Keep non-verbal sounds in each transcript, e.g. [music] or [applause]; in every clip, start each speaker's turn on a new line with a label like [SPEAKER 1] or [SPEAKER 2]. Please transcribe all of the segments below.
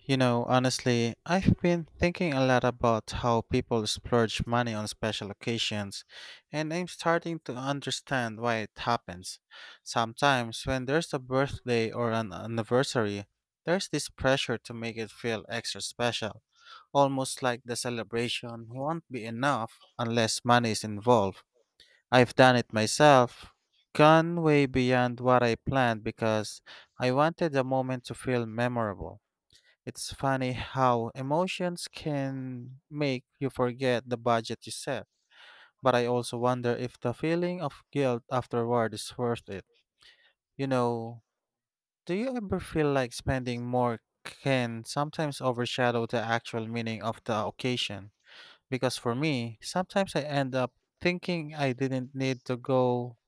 [SPEAKER 1] You know, honestly, I've been thinking a lot about how people splurge money on special occasions, and I'm starting to understand why it happens. Sometimes, when there's a birthday or an anniversary, there's this pressure to make it feel extra special, almost like the celebration won't be enough unless money is involved. I've done it myself, gone way beyond what I planned because I wanted the moment to feel memorable. It's funny how emotions can make you forget the budget you set, but I also wonder if the feeling of guilt afterward is worth it. You know, do you ever feel like spending more can sometimes overshadow the actual meaning of the occasion? Because for me, sometimes I end up thinking I didn't need to go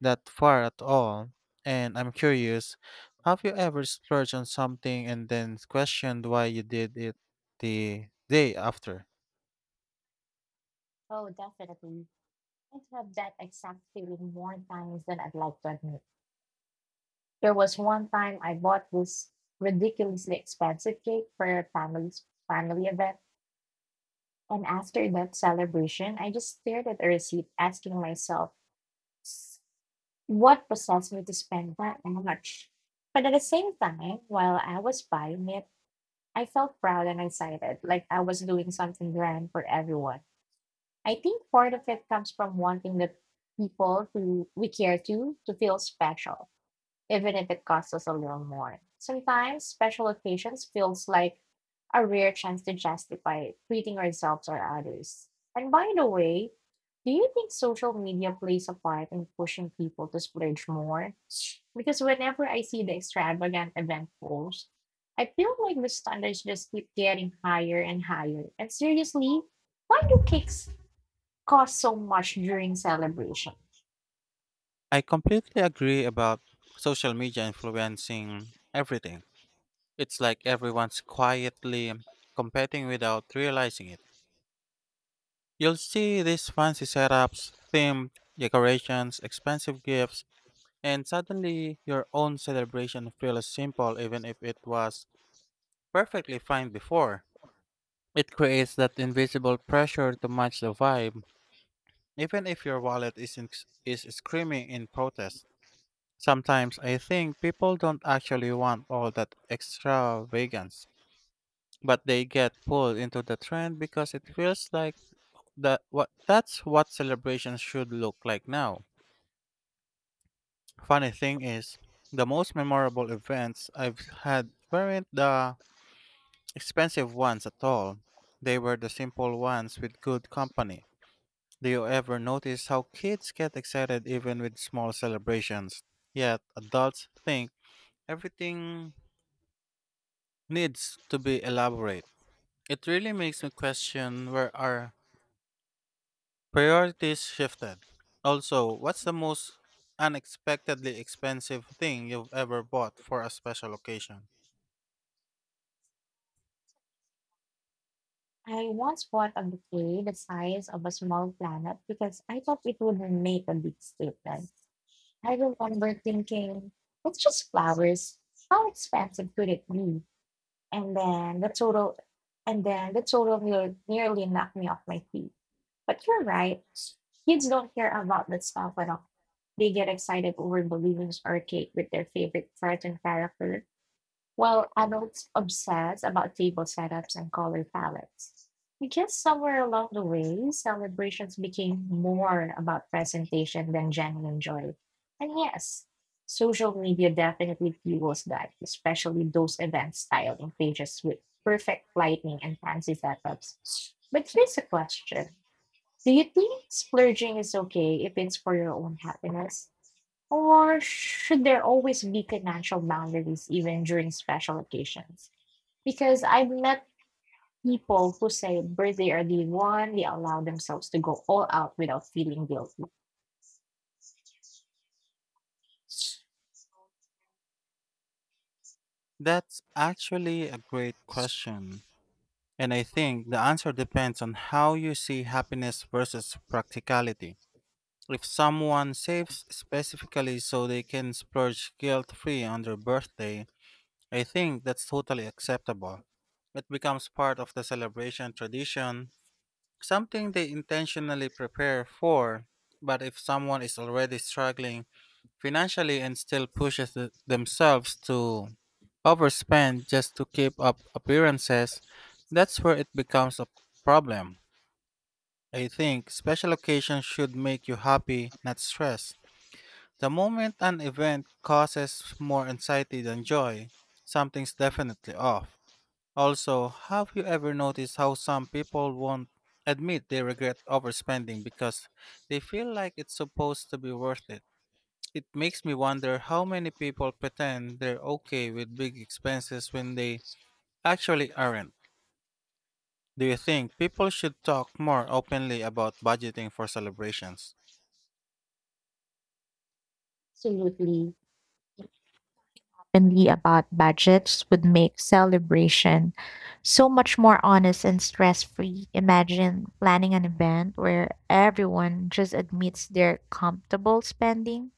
[SPEAKER 1] that far at all. And I'm curious, have you ever splurged on something and then questioned why you did it the day after?
[SPEAKER 2] Oh, definitely. I have had that exact feeling more times than I'd like to admit. There was one time I bought this ridiculously expensive cake for a family event, and after that celebration, I just stared at the receipt, asking myself, "S- "What possessed me to spend that much?" But at the same time, while I was buying it, I felt proud and excited, like I was doing something grand for everyone. I think part of it comes from wanting the people who we care to feel special, even if it costs us a little more. Sometimes special occasions feels like a rare chance to justify treating ourselves or others. And by the way, do you think social media plays a part in pushing people to splurge more? Because whenever I see the extravagant event posts, I feel like the standards just keep getting higher and higher. And seriously, why do cakes cost so much during celebration?
[SPEAKER 1] I completely agree about social media influencing everything. It's like everyone's quietly competing without realizing it. You'll see these fancy setups, themed decorations, expensive gifts, and suddenly, your own celebration feels simple even if it was perfectly fine before. It creates that invisible pressure to match the vibe, even if your wallet isn't, is screaming in protest. Sometimes I think people don't actually want all that extravagance, but they get pulled into the trend because it feels like that's what celebrations should look like now. Funny thing is, the most memorable events I've had weren't the expensive ones at all. They were the simple ones with good company. Do you ever notice how kids get excited even with small celebrations? Yet adults think everything needs to be elaborate. It really makes me question where our priorities shifted. Also, what's the most unexpectedly expensive thing you've ever bought for a special occasion?
[SPEAKER 2] I once bought a bouquet the size of a small planet because I thought it would make a big statement. I remember thinking, it's just flowers. How expensive could it be? And then the total nearly knocked me off my feet. But you're right. Kids don't care about that stuff at all. They get excited over balloons or cake with their favorite cartoon character, while adults obsess about table setups and color palettes. I guess somewhere along the way, celebrations became more about presentation than genuine joy. And yes, social media definitely fuels that, especially those events styled in pages with perfect lighting and fancy setups. But here's a question. Do you think splurging is okay if it's for your own happiness? Or should there always be financial boundaries even during special occasions? Because I've met people who say birthday are the one they allow themselves to go all out without feeling guilty.
[SPEAKER 1] That's actually a great question. And I think the answer depends on how you see happiness versus practicality. If someone saves specifically so they can splurge guilt free on their birthday, I think that's totally acceptable. It becomes part of the celebration tradition, something they intentionally prepare for. But if someone is already struggling financially and still pushes themselves to overspend just to keep up appearances, that's where it becomes a problem. I think special occasions should make you happy, not stressed. The moment an event causes more anxiety than joy, something's definitely off. Also, have you ever noticed how some people won't admit they regret overspending because they feel like it's supposed to be worth it? It makes me wonder how many people pretend they're okay with big expenses when they actually aren't. Do you think people should talk more openly about budgeting for celebrations?
[SPEAKER 2] Absolutely. Openly about budgets would make celebration so much more honest and stress free. Imagine planning an event where everyone just admits their comfortable spending.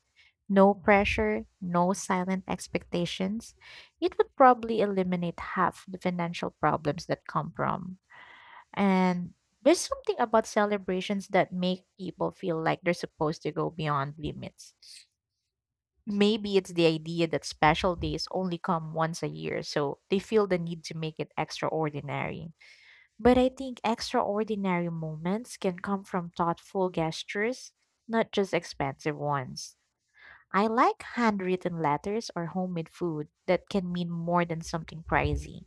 [SPEAKER 2] No pressure, no silent expectations. It would probably eliminate half the financial problems that come from. And there's something about celebrations that make people feel like they're supposed to go beyond limits. Maybe it's the idea that special days only come once a year, so they feel the need to make it extraordinary. But I think extraordinary moments can come from thoughtful gestures, not just expensive ones. I like handwritten letters or homemade food that can mean more than something pricey.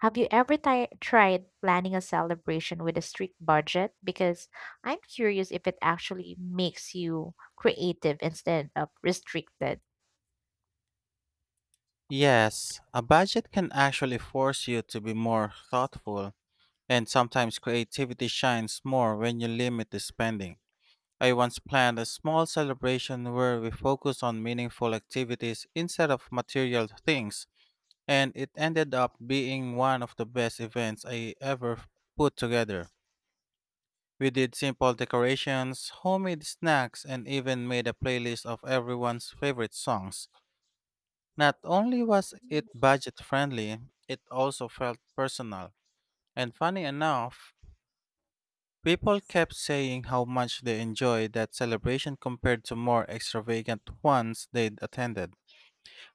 [SPEAKER 2] Have you ever tried planning a celebration with a strict budget? Because I'm curious if it actually makes you creative instead of restricted.
[SPEAKER 1] Yes, a budget can actually force you to be more thoughtful, and sometimes creativity shines more when you limit the spending. I once planned a small celebration where we focused on meaningful activities instead of material things, and it ended up being one of the best events I put together. We did simple decorations, homemade snacks, and even made a playlist of everyone's favorite songs. Not only was it budget friendly, it also felt personal. And funny enough, people kept saying how much they enjoyed that celebration compared to more extravagant ones they'd attended.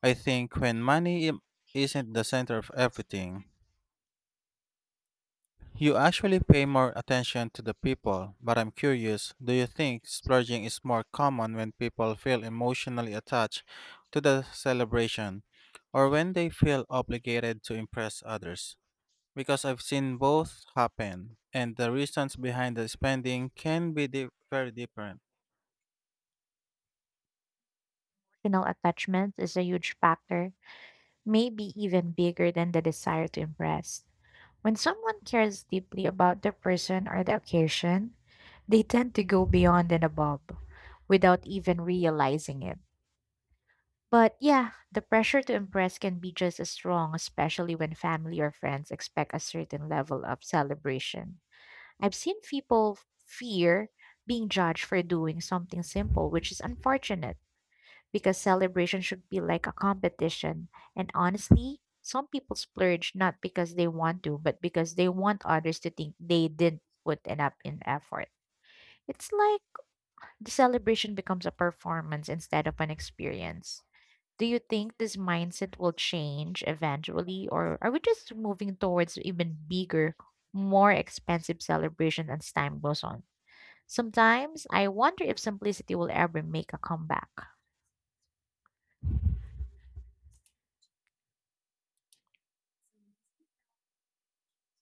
[SPEAKER 1] I think when isn't the center of everything, you actually pay more attention to the people. But I'm curious, do you think splurging is more common when people feel emotionally attached to the celebration or when they feel obligated to impress others? Because I've seen both happen, and the reasons behind the spending can be very different.
[SPEAKER 2] Emotional attachment is a huge factor, maybe even bigger than the desire to impress. When someone cares deeply about the person or the occasion, they tend to go beyond and above without even realizing it. But yeah, the pressure to impress can be just as strong, especially when family or friends expect a certain level of celebration. I've seen people fear being judged for doing something simple, which is unfortunate because celebration should be like a competition. And honestly, some people splurge not because they want to, but because they want others to think they didn't put enough in effort. It's like the celebration becomes a performance instead of an experience. Do you think this mindset will change eventually, or are we just moving towards even bigger, more expensive celebration as time goes on? Sometimes I wonder if simplicity will ever make a comeback.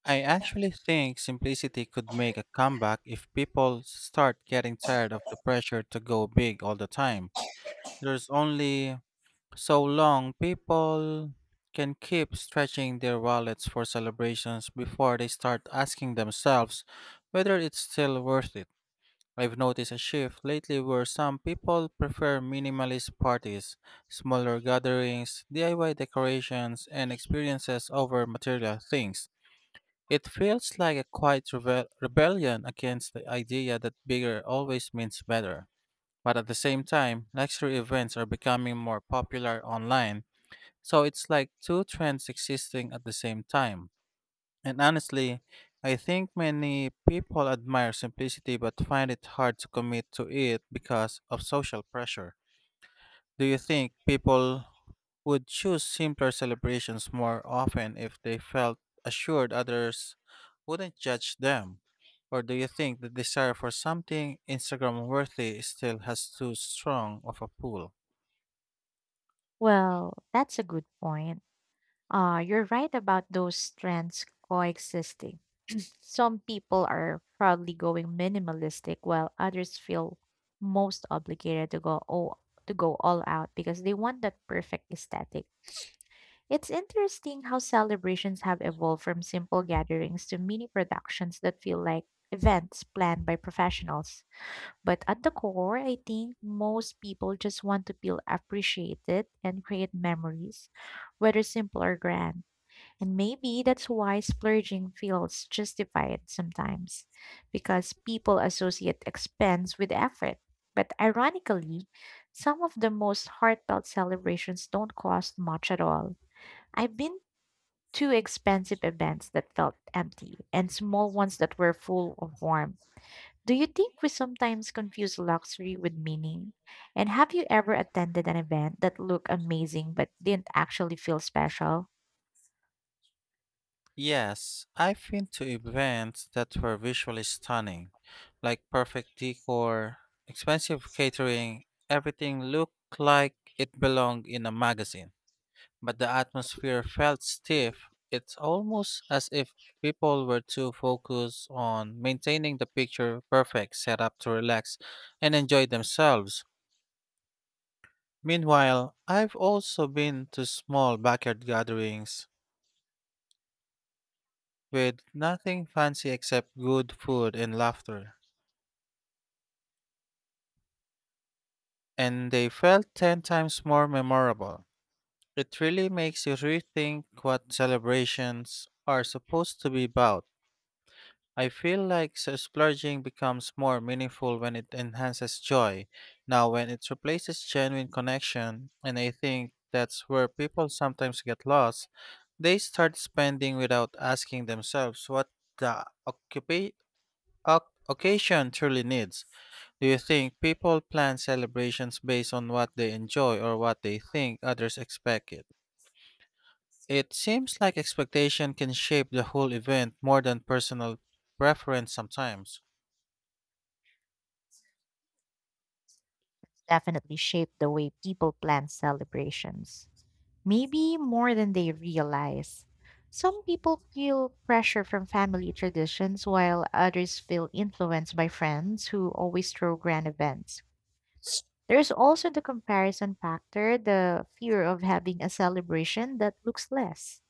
[SPEAKER 1] I actually think simplicity could make a comeback if people start getting tired of the pressure to go big all the time. There's only so long people can keep stretching their wallets for celebrations before they start asking themselves whether it's still worth it. I've noticed a shift lately where some people prefer minimalist parties, smaller gatherings, DIY decorations, and experiences over material things. It feels like a quiet rebellion against the idea that bigger always means better. But at the same time, luxury events are becoming more popular online, so it's like two trends existing at the same time. And honestly, I think many people admire simplicity but find it hard to commit to it because of social pressure. Do you think people would choose simpler celebrations more often if they felt assured others wouldn't judge them? Or do you think the desire for something Instagram worthy still has too strong of a pull?
[SPEAKER 2] Well, that's a good point. You're right about those trends coexisting. Some people are proudly going minimalistic while others feel most obligated to go all out because they want that perfect aesthetic. It's interesting how celebrations have evolved from simple gatherings to mini productions that feel like events planned by professionals. But at the core, I think most people just want to feel appreciated and create memories, whether simple or grand. And maybe that's why splurging feels justified sometimes, because people associate expense with effort. But ironically, some of the most heartfelt celebrations don't cost much at all. I've been to expensive events that felt empty and small ones that were full of warmth. Do you think we sometimes confuse luxury with meaning? And have you ever attended an event that looked amazing but didn't actually feel special?
[SPEAKER 1] Yes, I've been to events that were visually stunning, like perfect decor, expensive catering, everything looked like it belonged in a magazine, but the atmosphere felt stiff. It's almost as if people were too focused on maintaining the picture perfect setup to relax and enjoy themselves. Meanwhile, I've also been to small backyard gatherings with nothing fancy except good food and laughter, and they felt 10 times more memorable. It really makes you rethink what celebrations are supposed to be about. I feel like so splurging becomes more meaningful when it enhances joy, now when it replaces genuine connection, and I think that's where people sometimes get lost. They start spending without asking themselves what the occasion truly needs. Do you think people plan celebrations based on what they enjoy or what they think others expect it? It seems like expectation can shape the whole event more than personal preference sometimes.
[SPEAKER 2] Definitely shaped the way people plan celebrations. Maybe more than they realize. Some people feel pressure from family traditions, while others feel influenced by friends who always throw grand events. There's also the comparison factor, the fear of having a celebration that looks less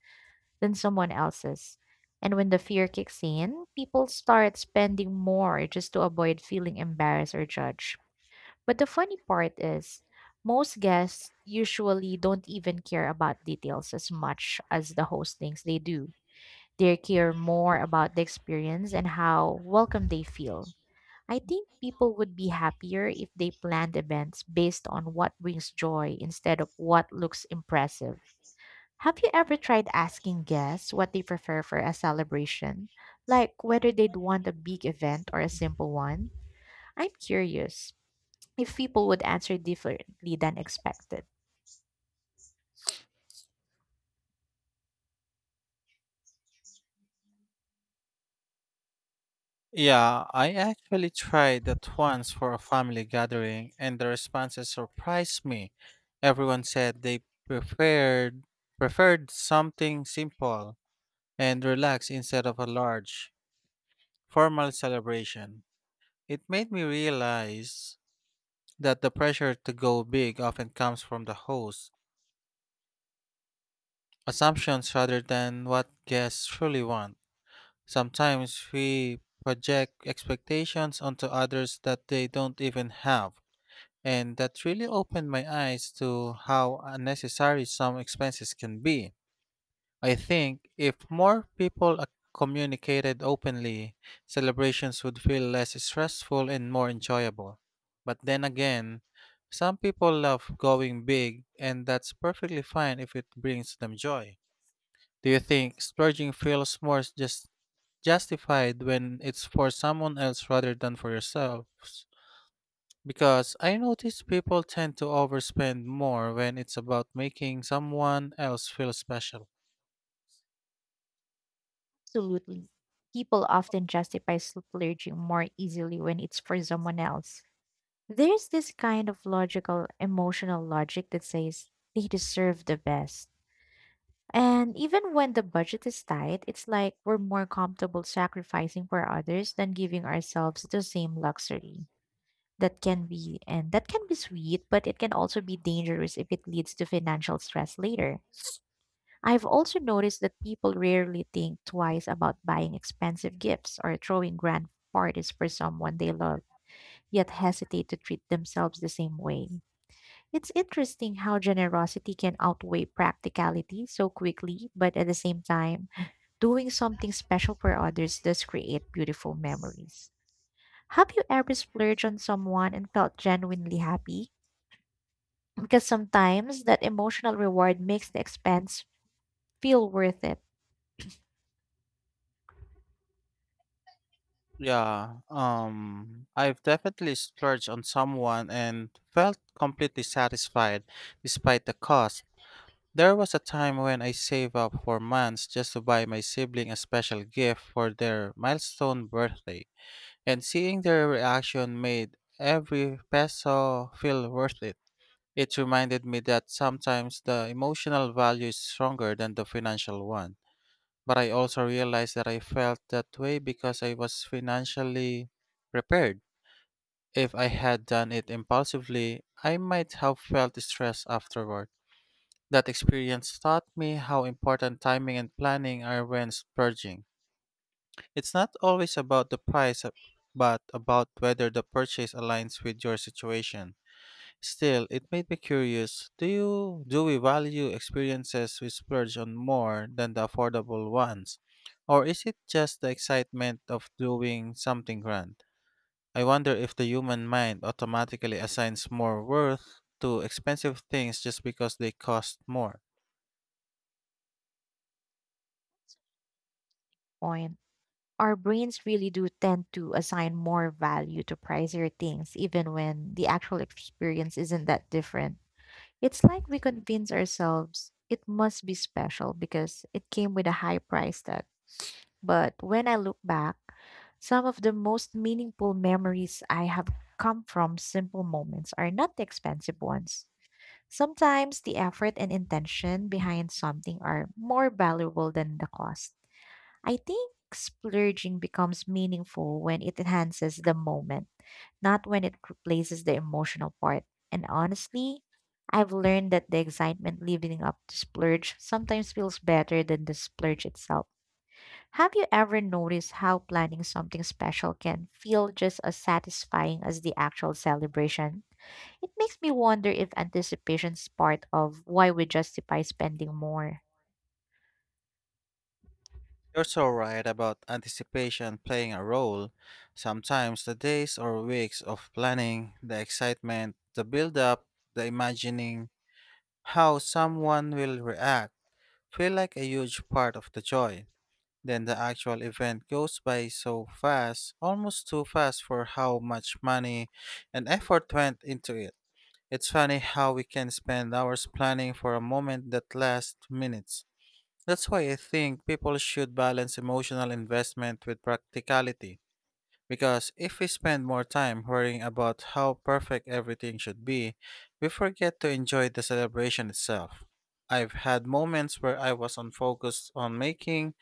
[SPEAKER 2] than someone else's. And when the fear kicks in, people start spending more just to avoid feeling embarrassed or judged. But the funny part is, most guests usually don't even care about details as much as the host thinks they do. They care more about the experience and how welcome they feel. I think people would be happier if they planned events based on what brings joy instead of what looks impressive. Have you ever tried asking guests what they prefer for a celebration? Like whether they'd want a big event or a simple one? I'm curious if people would answer differently than expected.
[SPEAKER 1] Yeah, I actually tried that once for a family gathering, and the responses surprised me. Everyone said they preferred preferred something simple and relaxed instead of a large formal celebration. It made me realize that the pressure to go big often comes from the host, assumptions rather than what guests truly want. Sometimes we project expectations onto others that they don't even have, and that really opened my eyes to how unnecessary some expenses can be. I think if more communicated openly, celebrations would feel less stressful and more enjoyable. But then again, some people love going big, and that's perfectly fine if it brings them joy. Do you think splurging feels more just justified when it's for someone else rather than for yourself? Because I notice people tend to overspend more when it's about making someone else feel special.
[SPEAKER 2] Absolutely. People often justify splurging more easily when it's for someone else. There's this kind of logical, emotional logic that says they deserve the best. And even when the budget is tight, it's like we're more comfortable sacrificing for others than giving ourselves the same luxury. That can be sweet, but it can also be dangerous if it leads to financial stress later. I've also noticed that people rarely think twice about buying expensive gifts or throwing grand parties for someone they love, yet hesitate to treat themselves the same way. It's interesting how generosity can outweigh practicality so quickly, but at the same time, doing something special for others does create beautiful memories. Have you ever splurged on someone and felt genuinely happy? Because sometimes that emotional reward makes the expense feel worth it.
[SPEAKER 1] Yeah, I've definitely splurged on someone and felt completely satisfied despite the cost. There was a time when I saved up for months just to buy my sibling a special gift for their milestone birthday, and seeing their reaction made every peso feel worth it. It reminded me that sometimes the emotional value is stronger than the financial one. But I also realized that I felt that way because I was financially prepared. If I had done it impulsively, I might have felt stressed afterward. That experience taught me how important timing and planning are when splurging. It's not always about the price, but about whether the purchase aligns with your situation. Still, it made me curious. Do we value experiences we splurge on more than the affordable ones? Or is it just the excitement of doing something grand? I wonder if the human mind automatically assigns more worth to expensive things just because they cost more.
[SPEAKER 2] Point. Our brains really do tend to assign more value to pricier things, even when the actual experience isn't that different. It's like we convince ourselves it must be special because it came with a high price tag. But when I look back, some of the most meaningful memories I have come from simple moments are not the expensive ones. Sometimes the effort and intention behind something are more valuable than the cost. I think splurging becomes meaningful when it enhances the moment, not when it replaces the emotional part. And honestly, I've learned that the excitement leading up to splurge sometimes feels better than the splurge itself. Have you ever noticed how planning something special can feel just as satisfying as the actual celebration? It makes me wonder if anticipation is part of why we justify spending more.
[SPEAKER 1] You're so right about anticipation playing a role. Sometimes the days or weeks of planning, the excitement, the build up, the imagining how someone will react feel like a huge part of the joy. Then the actual event goes by so fast, almost too fast for how much money and effort went into it. It's funny how we can spend hours planning for a moment that lasts minutes. That's why I think people should balance emotional investment with practicality. Because if we spend more time worrying about how perfect everything should be, we forget to enjoy the celebration itself. I've had moments where I was on focus on making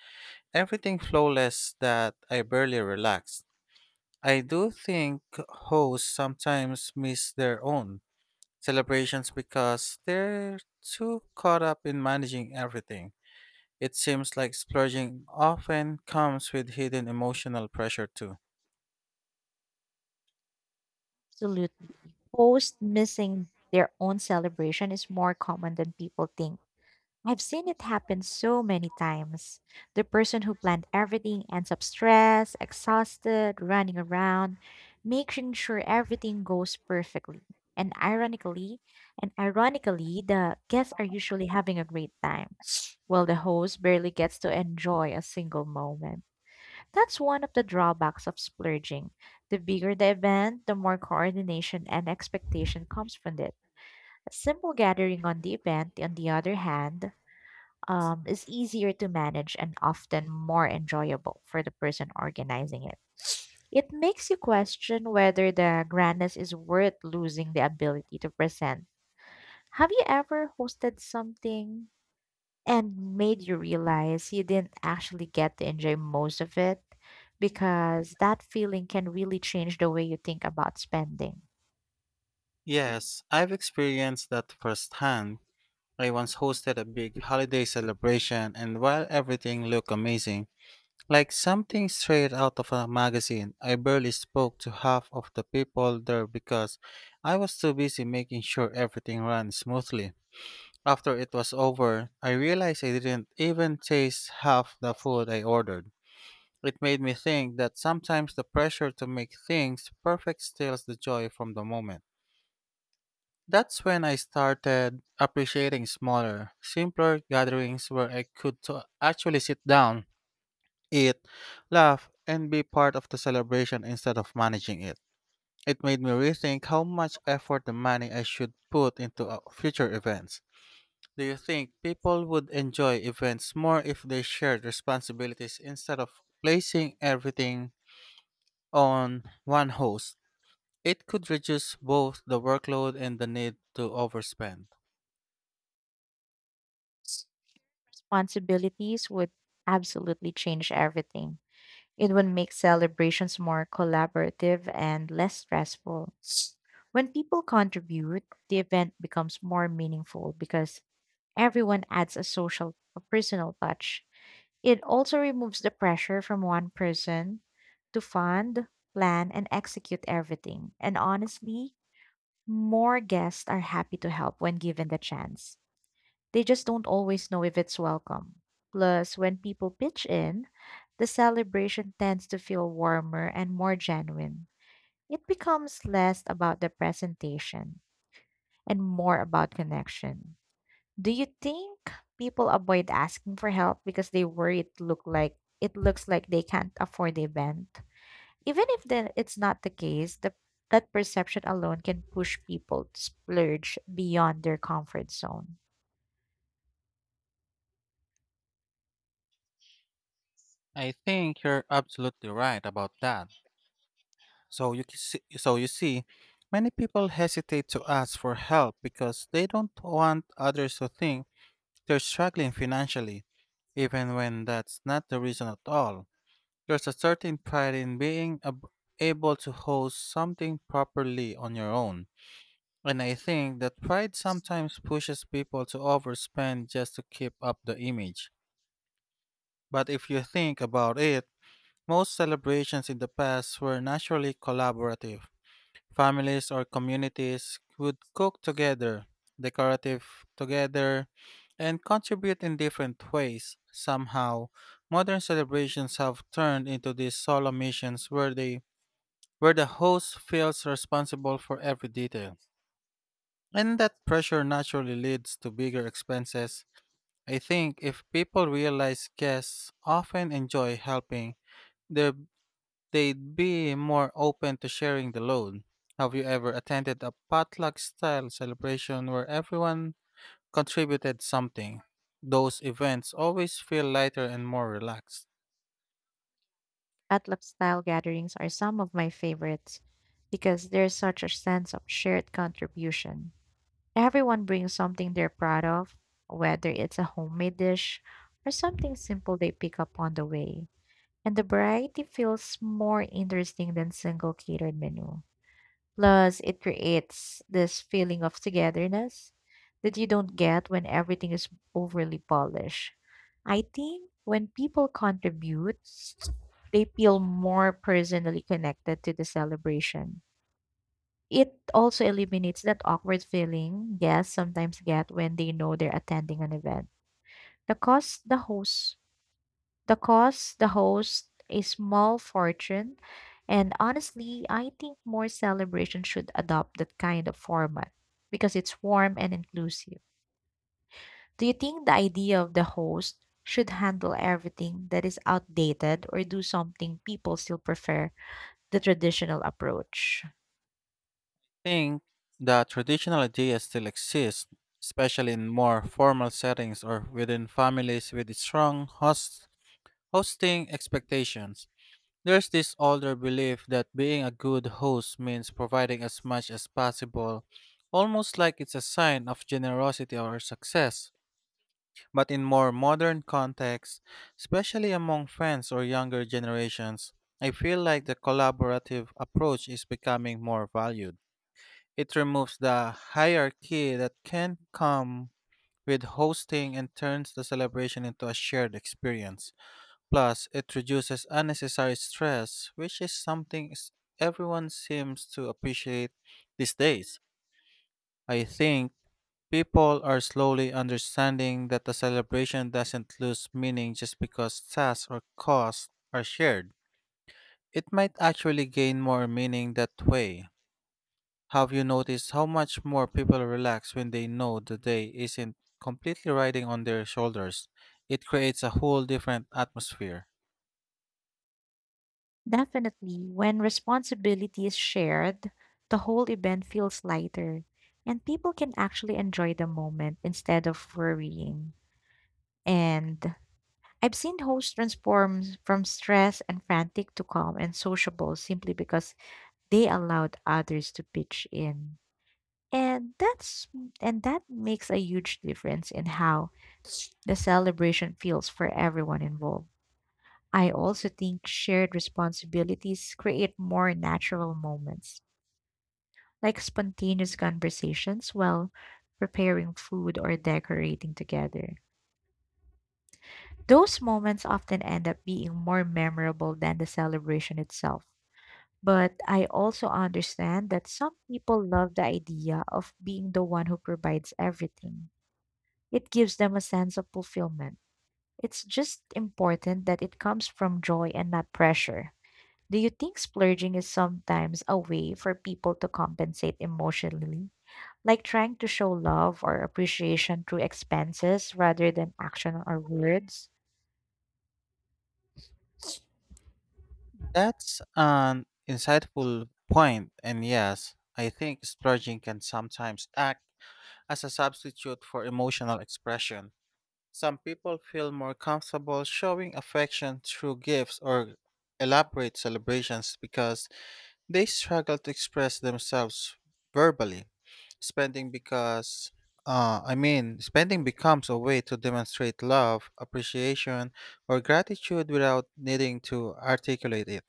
[SPEAKER 1] everything flawless that I barely relaxed. I do think hosts sometimes miss their own celebrations because they're too caught up in managing everything. It seems like splurging often comes with hidden emotional pressure too.
[SPEAKER 2] Absolutely. Posts missing their own celebration is more common than people think. I've seen it happen so many times. The person who planned everything ends up stressed, exhausted, running around, making sure everything goes perfectly. And ironically, and ironically, the guests are usually having a great time, [sniffs] while the host barely gets to enjoy a single moment. That's one of the drawbacks of splurging. The bigger the event, the more coordination and expectation comes from it. A simple gathering on the event, on the other hand, is easier to manage and often more enjoyable for the person organizing it. It makes you question whether the grandness is worth losing the ability to present. Have you ever hosted something and made you realize you didn't actually get to enjoy most of it, because that feeling can really change the way you think about spending?
[SPEAKER 1] Yes, I've experienced that firsthand. I once hosted a big holiday celebration, and while everything looked amazing, like something straight out of a magazine, I barely spoke to half of the people there because I was too busy making sure everything ran smoothly. After it was over, I realized I didn't even taste half the food I ordered. It made me think that sometimes the pressure to make things perfect steals the joy from the moment. That's when I started appreciating smaller, simpler gatherings where I could to actually sit down, eat, laugh, and be part of the celebration instead of managing it. It made me rethink how much effort and money I should put into future events. Do you think people would enjoy events more if they shared responsibilities instead of placing everything on one host? It could reduce both the workload and the need to overspend.
[SPEAKER 2] S- Responsibilities would absolutely change everything. It would make celebrations more collaborative and less stressful. When people contribute, the event becomes more meaningful because everyone adds a social, a personal touch. It also removes the pressure from one person to fund, plan, and execute everything. And honestly, more guests are happy to help when given the chance. They just don't always know if it's welcome. Plus, when people pitch in, the celebration tends to feel warmer and more genuine. It becomes less about the presentation and more about connection. Do you think people avoid asking for help because they worry it looks like they can't afford the event? Even if it's not the case, that perception alone can push people to splurge beyond their comfort zone.
[SPEAKER 1] I think you're absolutely right about that. So you can see, so you see, many people hesitate to ask for help because they don't want others to think they're struggling financially, even when that's not the reason at all. There's a certain pride in being ab- able to host something properly on your own. And I think that pride sometimes pushes people to overspend just to keep up the image. But if you think about it, most celebrations in the past were naturally collaborative. Families or communities would cook together, decorative together, and contribute in different ways. Somehow, modern celebrations have turned into these solo missions where the host feels responsible for every detail. And that pressure naturally leads to bigger expenses. I think if people realize guests often enjoy helping, their they'd be more open to sharing the load. Have you ever attended a potluck style celebration where everyone contributed something? Those events always feel lighter and more relaxed.
[SPEAKER 2] Potluck style gatherings are some of my favorites because there's such a sense of shared contribution. Everyone brings something they're proud of, whether it's a homemade dish or something simple they pick up on the way, and the variety feels more interesting than single catered menu. Plus, it creates this feeling of togetherness that you don't get when everything is overly polished. I think when people contribute, they feel more personally connected to the celebration. It also eliminates that awkward feeling guests sometimes get when they know they're attending an event. The cost the host the cost, the host, a small fortune, and honestly, I think more celebrations should adopt that kind of format because it's warm and inclusive. Do you think the idea of the host should handle everything that is outdated, or do something people still prefer the traditional approach?
[SPEAKER 1] I think the traditional ideas still exist, especially in more formal settings or within families with strong hosting expectations. There's this older belief that being a good host means providing as much as possible, almost like it's a sign of generosity or success. But in more modern contexts, especially among friends or younger generations, I feel like the collaborative approach is becoming more valued. It removes the hierarchy that can come with hosting and turns the celebration into a shared experience. Plus, it reduces unnecessary stress, which is something everyone seems to appreciate these days. I think people are slowly understanding that the celebration doesn't lose meaning just because tasks or costs are shared. It might actually gain more meaning that way. Have you noticed how much more people relax when they know the day isn't completely riding on their shoulders? It creates a whole different atmosphere.
[SPEAKER 2] Definitely, when responsibility is shared, the whole event feels lighter and people can actually enjoy the moment instead of worrying. And I've seen hosts transform from stressed and frantic to calm and sociable simply because they allowed others to pitch in. And that's and that makes a huge difference in how the celebration feels for everyone involved. I also think shared responsibilities create more natural moments, like spontaneous conversations while preparing food or decorating together. Those moments often end up being more memorable than the celebration itself. But I also understand that some people love the idea of being the one who provides everything. It gives them a sense of fulfillment. It's just important that it comes from joy and not pressure. Do you think splurging is sometimes a way for people to compensate emotionally? Like trying to show love or appreciation through expenses rather than action or words?
[SPEAKER 1] That's an insightful point, and yes, I think splurging can sometimes act as a substitute for emotional expression. Some people feel more comfortable showing affection through gifts or elaborate celebrations because they struggle to express themselves verbally. Spending because I mean, spending becomes a way to demonstrate love, appreciation, or gratitude without needing to articulate it.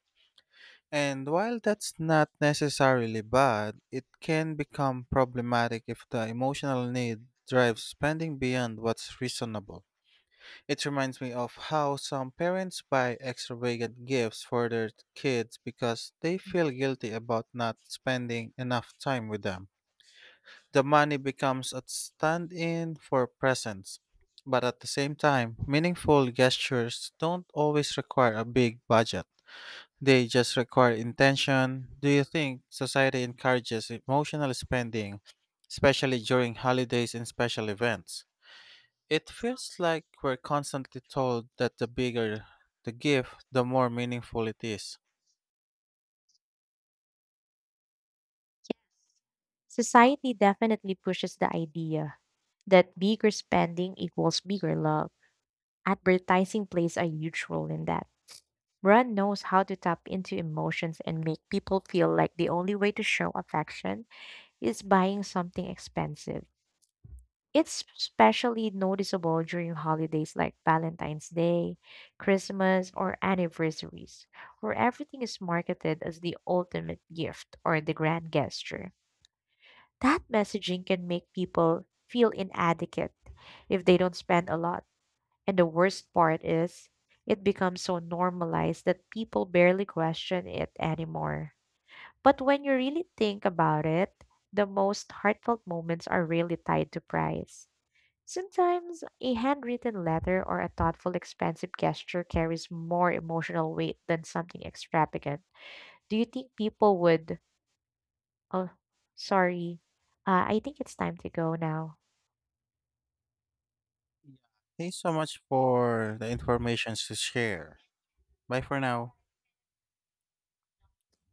[SPEAKER 1] And while that's not necessarily bad, it can become problematic if the emotional need drives spending beyond what's reasonable. It reminds me of how some parents buy extravagant gifts for their kids because they feel guilty about not spending enough time with them. The money becomes a stand in for presents. But at the same time, meaningful gestures don't always require a big budget. They just require intention. Do you think society encourages emotional spending, especially during holidays and special events? It feels like we're constantly told that the bigger the gift, the more meaningful it is.
[SPEAKER 2] Society definitely pushes the idea that bigger spending equals bigger love. Advertising plays a huge role in that. Brand knows how to tap into emotions and make people feel like the only way to show affection is buying something expensive. It's especially noticeable during holidays like Valentine's Day, Christmas, or anniversaries, where everything is marketed as the ultimate gift or the grand gesture. That messaging can make people feel inadequate if they don't spend a lot. And the worst part is, it becomes so normalized that people barely question it anymore. But when you really think about it, the most heartfelt moments are really tied to price. Sometimes a handwritten letter or a thoughtful, expensive gesture carries more emotional weight than something extravagant. Do you think people would? Oh, sorry. I think it's time to go now.
[SPEAKER 1] Thanks so much for the information to share. Bye for now.